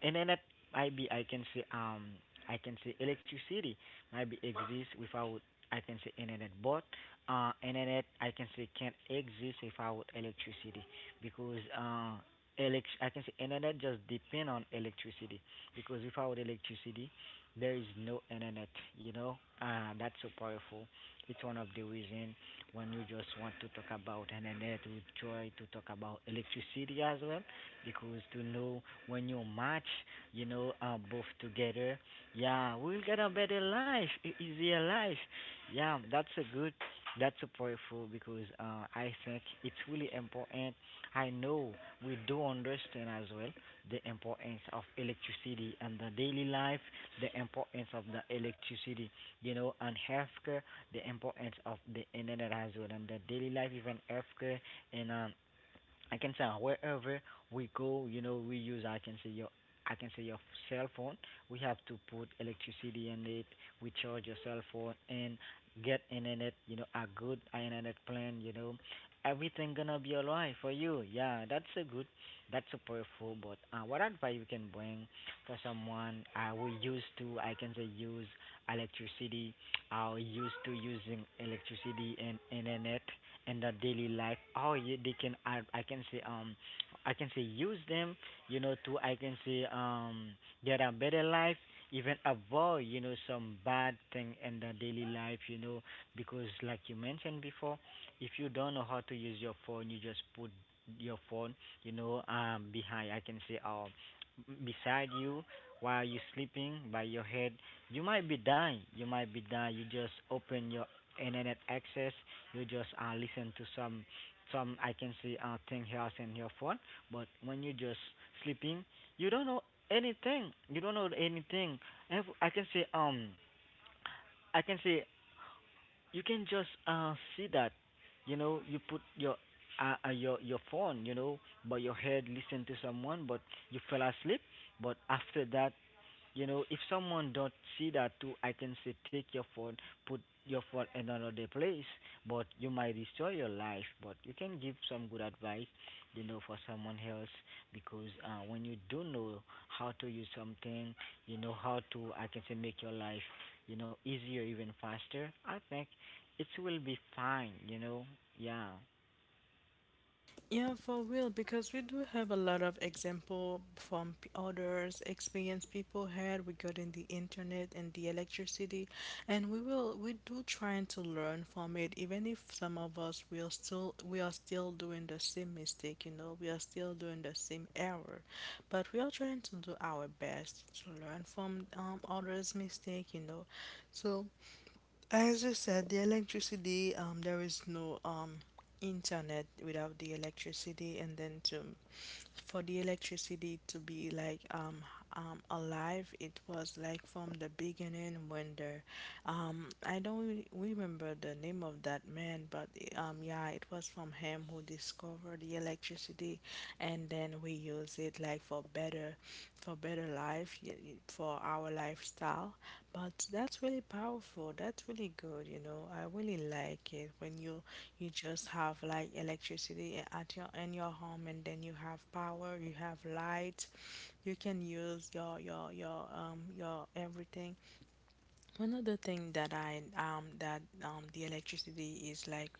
Speaker 2: and then at maybe I can say electricity maybe exists without, I can say, internet, but internet, I can say, can't exist without electricity because elect I can say internet just depend on electricity, because without electricity there is no internet. You know, that's so powerful. It's one of the reason when you just want to talk about internet we try to talk about electricity as well, because to know when you match, you know, both together, yeah, we'll get a better life, easier life. Yeah, that's a good, that's a powerful because I think it's really important. I know we do understand as well the importance of electricity and the daily life, the importance of the electricity, you know, and healthcare, the importance of the internet as well and the daily life, even healthcare and I can say wherever we go, you know, we use, I can say, your, I can say your cell phone. We have to put electricity in it. We charge your cell phone and get internet. You know, a good internet plan. You know, everything gonna be alright for you. Yeah, that's a good, that's a powerful. But what advice you can bring for someone who used to, I can say, use electricity, used to using electricity and internet in their daily life. Oh, you, they can I can say use them, you know, to, I can say, get a better life, even avoid, you know, some bad thing in their daily life, you know, because like you mentioned before, if you don't know how to use your phone, you just put your phone, you know, behind, I can say, beside you while you're sleeping by your head, you might be dying, you might be dying. You just open your internet access, you just listen to some, I can say, thing here in your phone. But when you just sleeping, you don't know anything. You don't know anything. Ev- I can say um I can say you can just see that, you know, you put your phone, you know, by your head, listen to someone, but you fell asleep. But after that, you know, if someone don't see that too, I can say, take your phone, put your phone in another place, but you might destroy your life. But you can give some good advice, you know, for someone else, because when you do know how to use something, you know how to, I can say, make your life, you know, easier even faster. I think it will be fine. You know, yeah.
Speaker 1: Yeah, for real, because we do have a lot of example from others experience people had regarding the internet and the electricity, and we will we do trying to learn from it, even if some of us will still we are still doing the same mistake, you know, we are still doing the same error, but we are trying to do our best to learn from others' mistake, you know, so. As you said, the electricity, there is no internet without the electricity, and then to for the electricity to be like alive, it was like from the beginning when the I don't remember the name of that man, but yeah, it was from him who discovered the electricity, and then we use it like for better, for better life for our lifestyle, but that's really powerful. That's really good, you know. I really like it when you just have like electricity at your in your home, and then you have power, you have light. You can use your your your everything. One other thing that I that the electricity is like,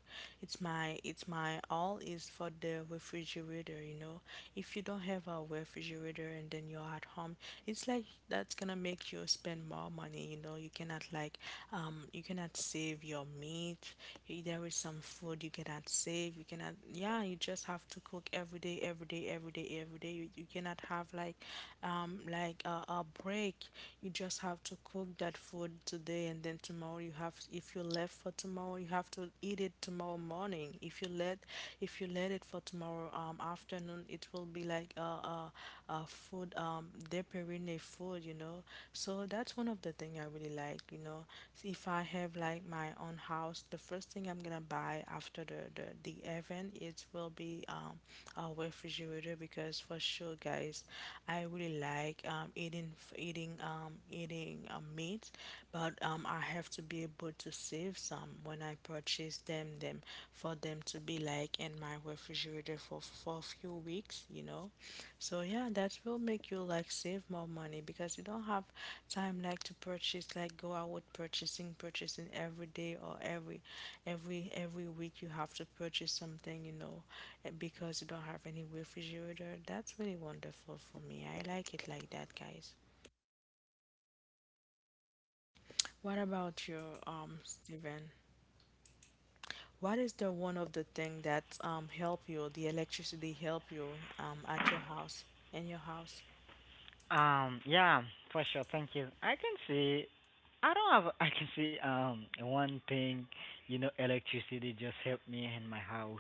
Speaker 1: it's my, it's my all is for the refrigerator, you know. If you don't have a refrigerator and then you're at home, it's like that's gonna make you spend more money, you know. You cannot like you cannot save your meat. You, there is some food you cannot save, you cannot yeah, you just have to cook every day, every day, every day, every day. You cannot have like a break. You just have to cook that food today, and then tomorrow you have if you left for tomorrow you have to eat it tomorrow morning. If you let, if you let it for tomorrow afternoon, it will be like a, a food deperine food, you know. So that's one of the thing I really like, you know. So if I have like my own house, the first thing I'm gonna buy after the event it will be a refrigerator, because for sure guys I really like eating eating eating meat, but I have to be able to save some when I purchase them, them for them to be like in my refrigerator for a few weeks, you know. So yeah, that will make you like save more money because you don't have time like to purchase, like go out purchasing, purchasing every day, or every every week you have to purchase something, you know, and because you don't have any refrigerator. That's really wonderful for me. I like it like that, guys. What about you, Steven? What is the one of the thing that help you, the electricity help you at your house, in your house?
Speaker 2: Yeah, for sure. Thank you. I can see. I don't have. I can see. One thing, you know, electricity just helped me in my house.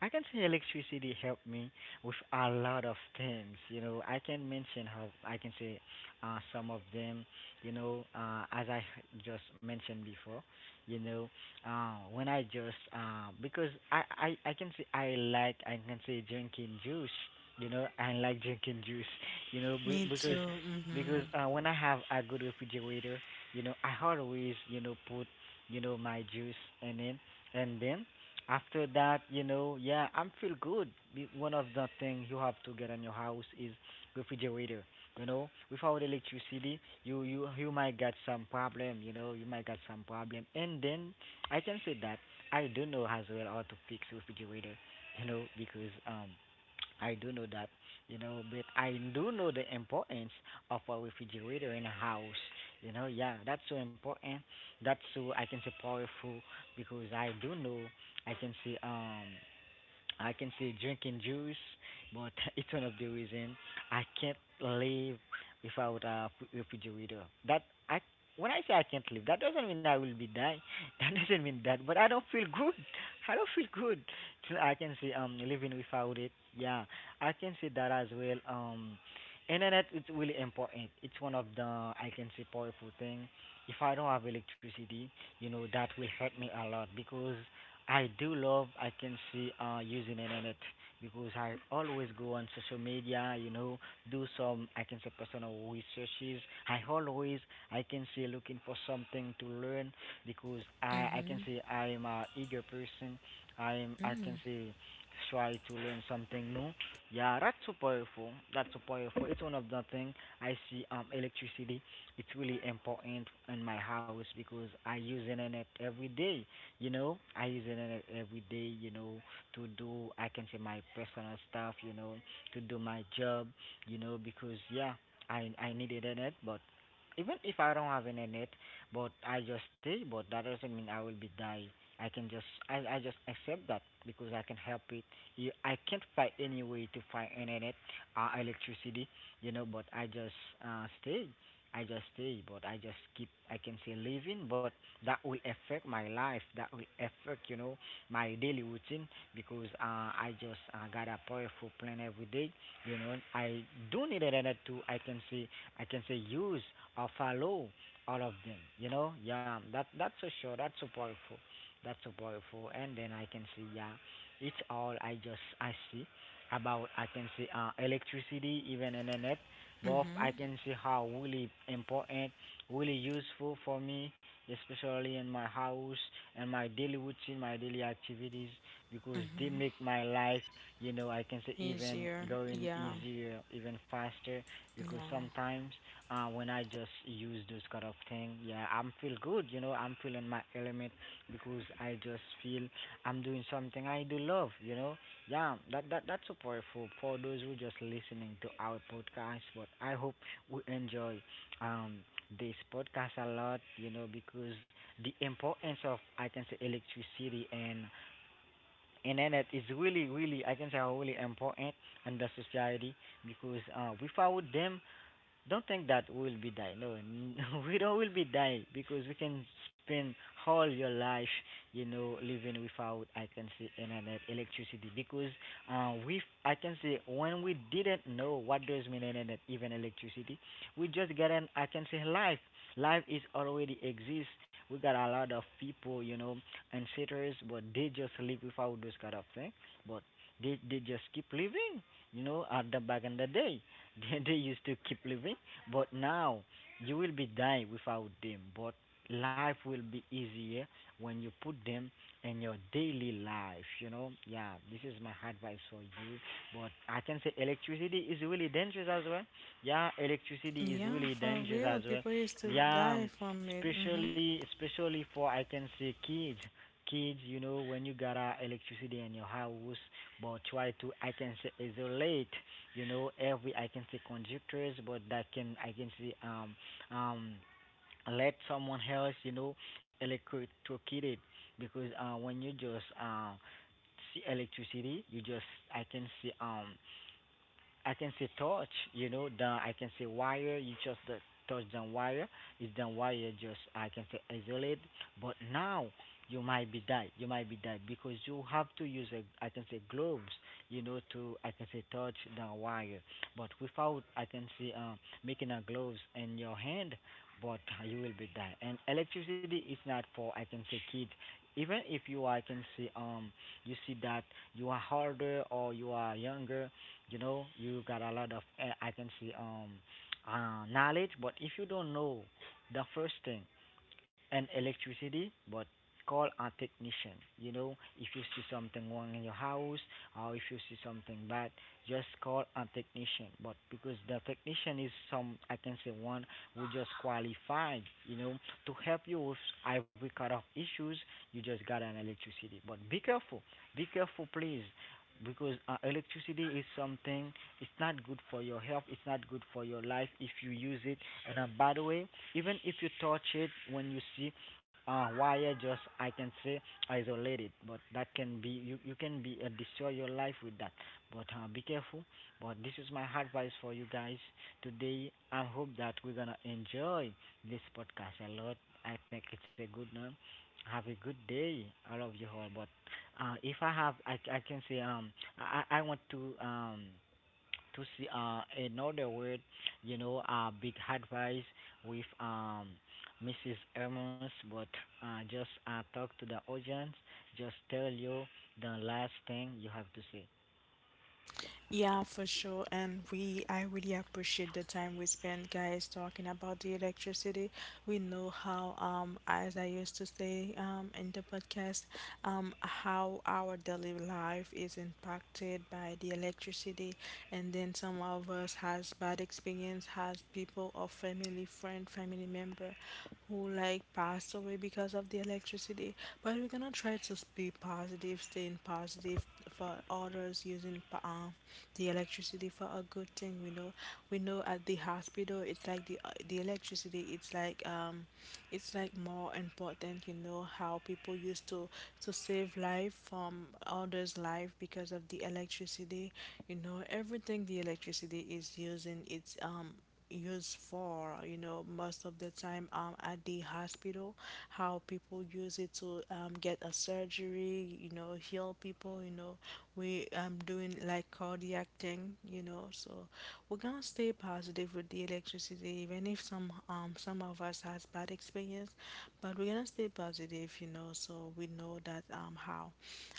Speaker 2: I can see electricity helped me with a lot of things. You know, I can mention how, I can say, some of them. You know, as I just mentioned before. You know, when I just because I can say I like, I can say, drinking juice. You know, I like drinking juice, you know,
Speaker 1: Me too. Mm-hmm.
Speaker 2: because when I have a good refrigerator, you know, I always, you know, put, you know, my juice in it, and then after that, you know, yeah, I'm feel good. One of the things you have to get in your house is refrigerator. You know, without electricity, you might get some problem. You know, you might get some problem, and then I can say that I do know as well how to fix refrigerator. You know, because I do know that you know, but I do know the importance of a refrigerator in a house. You know, yeah, that's so important. That's so I can say powerful because I do know I can say um I can say drinking juice, but it's one of the reason I can't live without a refrigerator. That I when I say I can't live, that doesn't mean I will be dying. That doesn't mean that, but I don't feel good. I don't feel good. So I can say living without it. Yeah, I can say that as well. Internet is really important. It's one of the I can say powerful thing. If I don't have electricity, you know that will hurt me a lot because I do love I can see using internet because I always go on social media, you know, do some I can say personal researches. I always I can say looking for something to learn because I
Speaker 1: Mm-hmm.
Speaker 2: can say I am a eager person. I am I
Speaker 1: Mm.
Speaker 2: can say try to learn something new. Yeah, that's so powerful. That's so powerful. It's one of the thing I see electricity. It's really important in my house because I use internet every day you know, I use internet every day, you know, to do, I can say my personal stuff, you know, to do my job, you know, because yeah, I need internet, but even if I don't have internet, but I just stay, but that doesn't mean I will be die. I can just, I just accept that because I can help it. You, I can't find any way to find internet, electricity, you know, but I just stay. I just stay, but I just keep, I can say living, but that will affect my life that will affect you know my daily routine because I just got a powerful plan every day you know I do need an internet to I can say I can say use or follow all of them you know yeah that's so sure, that's so powerful, that's so powerful. And then I can see yeah, it's all I just I see about I can see electricity even internet both
Speaker 1: Mm-hmm.
Speaker 2: I can see how really important, really useful for me, especially in my house and my daily routine, my daily activities, because they
Speaker 1: Mm-hmm.
Speaker 2: make my life, you know, I can say even
Speaker 1: Easier.
Speaker 2: going
Speaker 1: Yeah.
Speaker 2: easier, even faster. Because
Speaker 1: Yeah.
Speaker 2: sometimes when I just use those kind of thing, yeah, I'm feel good, you know, I'm feeling my element because I just feel I'm doing something I do love, you know. Yeah, that's so powerful for those who just listening to our podcast. But I hope we enjoy. Um, this podcast a lot, you know, because the importance of I can say electricity and internet is really, really I can say are really important in the society because without them don't think that we will be die. No, we don't will be die because we can spend all your life, you know, living without I can say internet, electricity. Because we, I can say, when we didn't know what does mean internet, even electricity, we just get an I can say life. Life is already exists. We got a lot of people, you know, and settlers, but they just live without those kind of thing. But they just keep living, you know, at the back in the day. They used to keep living, but now you will be dying without them. But life will be easier when you put them in your daily life, you know? Yeah, this is my advice for you. But I can say electricity is really dangerous as well. Yeah, electricity is
Speaker 1: Yeah,
Speaker 2: really
Speaker 1: for
Speaker 2: dangerous
Speaker 1: real.
Speaker 2: as well.
Speaker 1: People used to
Speaker 2: Yeah,
Speaker 1: die from it. Mm-hmm.
Speaker 2: especially for I can say kids, you know, when you got electricity in your house, but try to, I can say, isolate you know every I can say conductors but that can I can say um let someone else you know electrocute it because when you just see electricity you just I can see I can say touch, you know, the I can say wire, you just touch the wire, it's the wire just I can say isolate. But now you might be die, you might be die because you have to use a I can say gloves, you know, to I can say touch the wire. But without I can say making a gloves in your hand, but you will be die. And electricity is not for I can say kid. Even if you I can say you see that you are harder or you are younger you know, you got a lot of I can see knowledge, but if you don't know the first thing, and electricity, but call a technician. You know, if you see something wrong in your house or if you see something bad, just call a technician. But because the technician is some, I can say one who just qualified, you know, to help you with every kind of issues, you just got an electricity. But be careful, please. Because electricity is something, it's not good for your health, it's not good for your life if you use it and by the way, even if you touch it when you see wire, just I can say isolate it. But that can be you can be destroy your life with that. But be careful. But this is my advice for you guys today. I hope that we're gonna enjoy this podcast a lot. I think it's a good one. Have a good day. I love you all. But if I have, I can say I want to see another word you know, big advice with Mrs. Hermes, but just talk to the audience. Just tell you the last thing you have to say.
Speaker 1: Yeah, for sure. And we, I really appreciate the time we spent, guys, talking about the electricity. We know how, as I used to say, in the podcast, how our daily life is impacted by the electricity. And then some of us has bad experience, has people or family, friend, family member who like passed away because of the electricity. But we're gonna try to be staying positive for others, using the electricity for a good thing. We know at the hospital, it's like the electricity. It's like more important. You know how people used to save life from others' life because of the electricity. You know everything the electricity is using. It's used for, you know, most of the time at the hospital, how people use it to get a surgery, you know, heal people, you know, we doing like cardiac thing, you know, so we're gonna stay positive with the electricity, even if some some of us has bad experience, but we're gonna stay positive, you know, so we know that how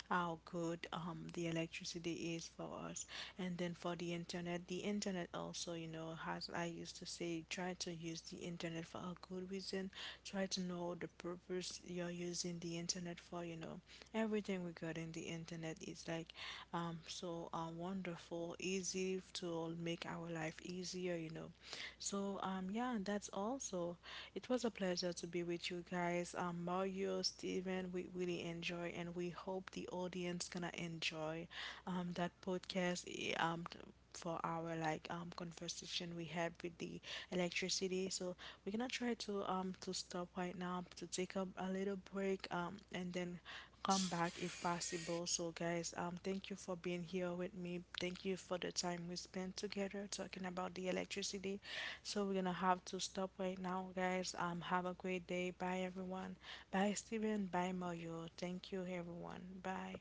Speaker 1: how good the electricity is for us. And then for the internet, the internet also, you know, has I used to say try to use the internet for a good reason, try to know the purpose you're using the internet for, you know, everything regarding the internet is like so wonderful easy to make our life easier, you know. So yeah, that's also, it was a pleasure to be with you guys Mario, Steven, we really enjoy, and we hope the audience gonna enjoy that podcast eh, for our like conversation we had with the electricity. So we're gonna try to stop right now to take up a little break and then come back if possible. So guys, thank you for being here with me. Thank you for the time we spent together talking about the electricity. So we're gonna have to stop right now, guys. Have a great day. Bye everyone. Bye Steven. Bye Mario. Thank you everyone. Bye.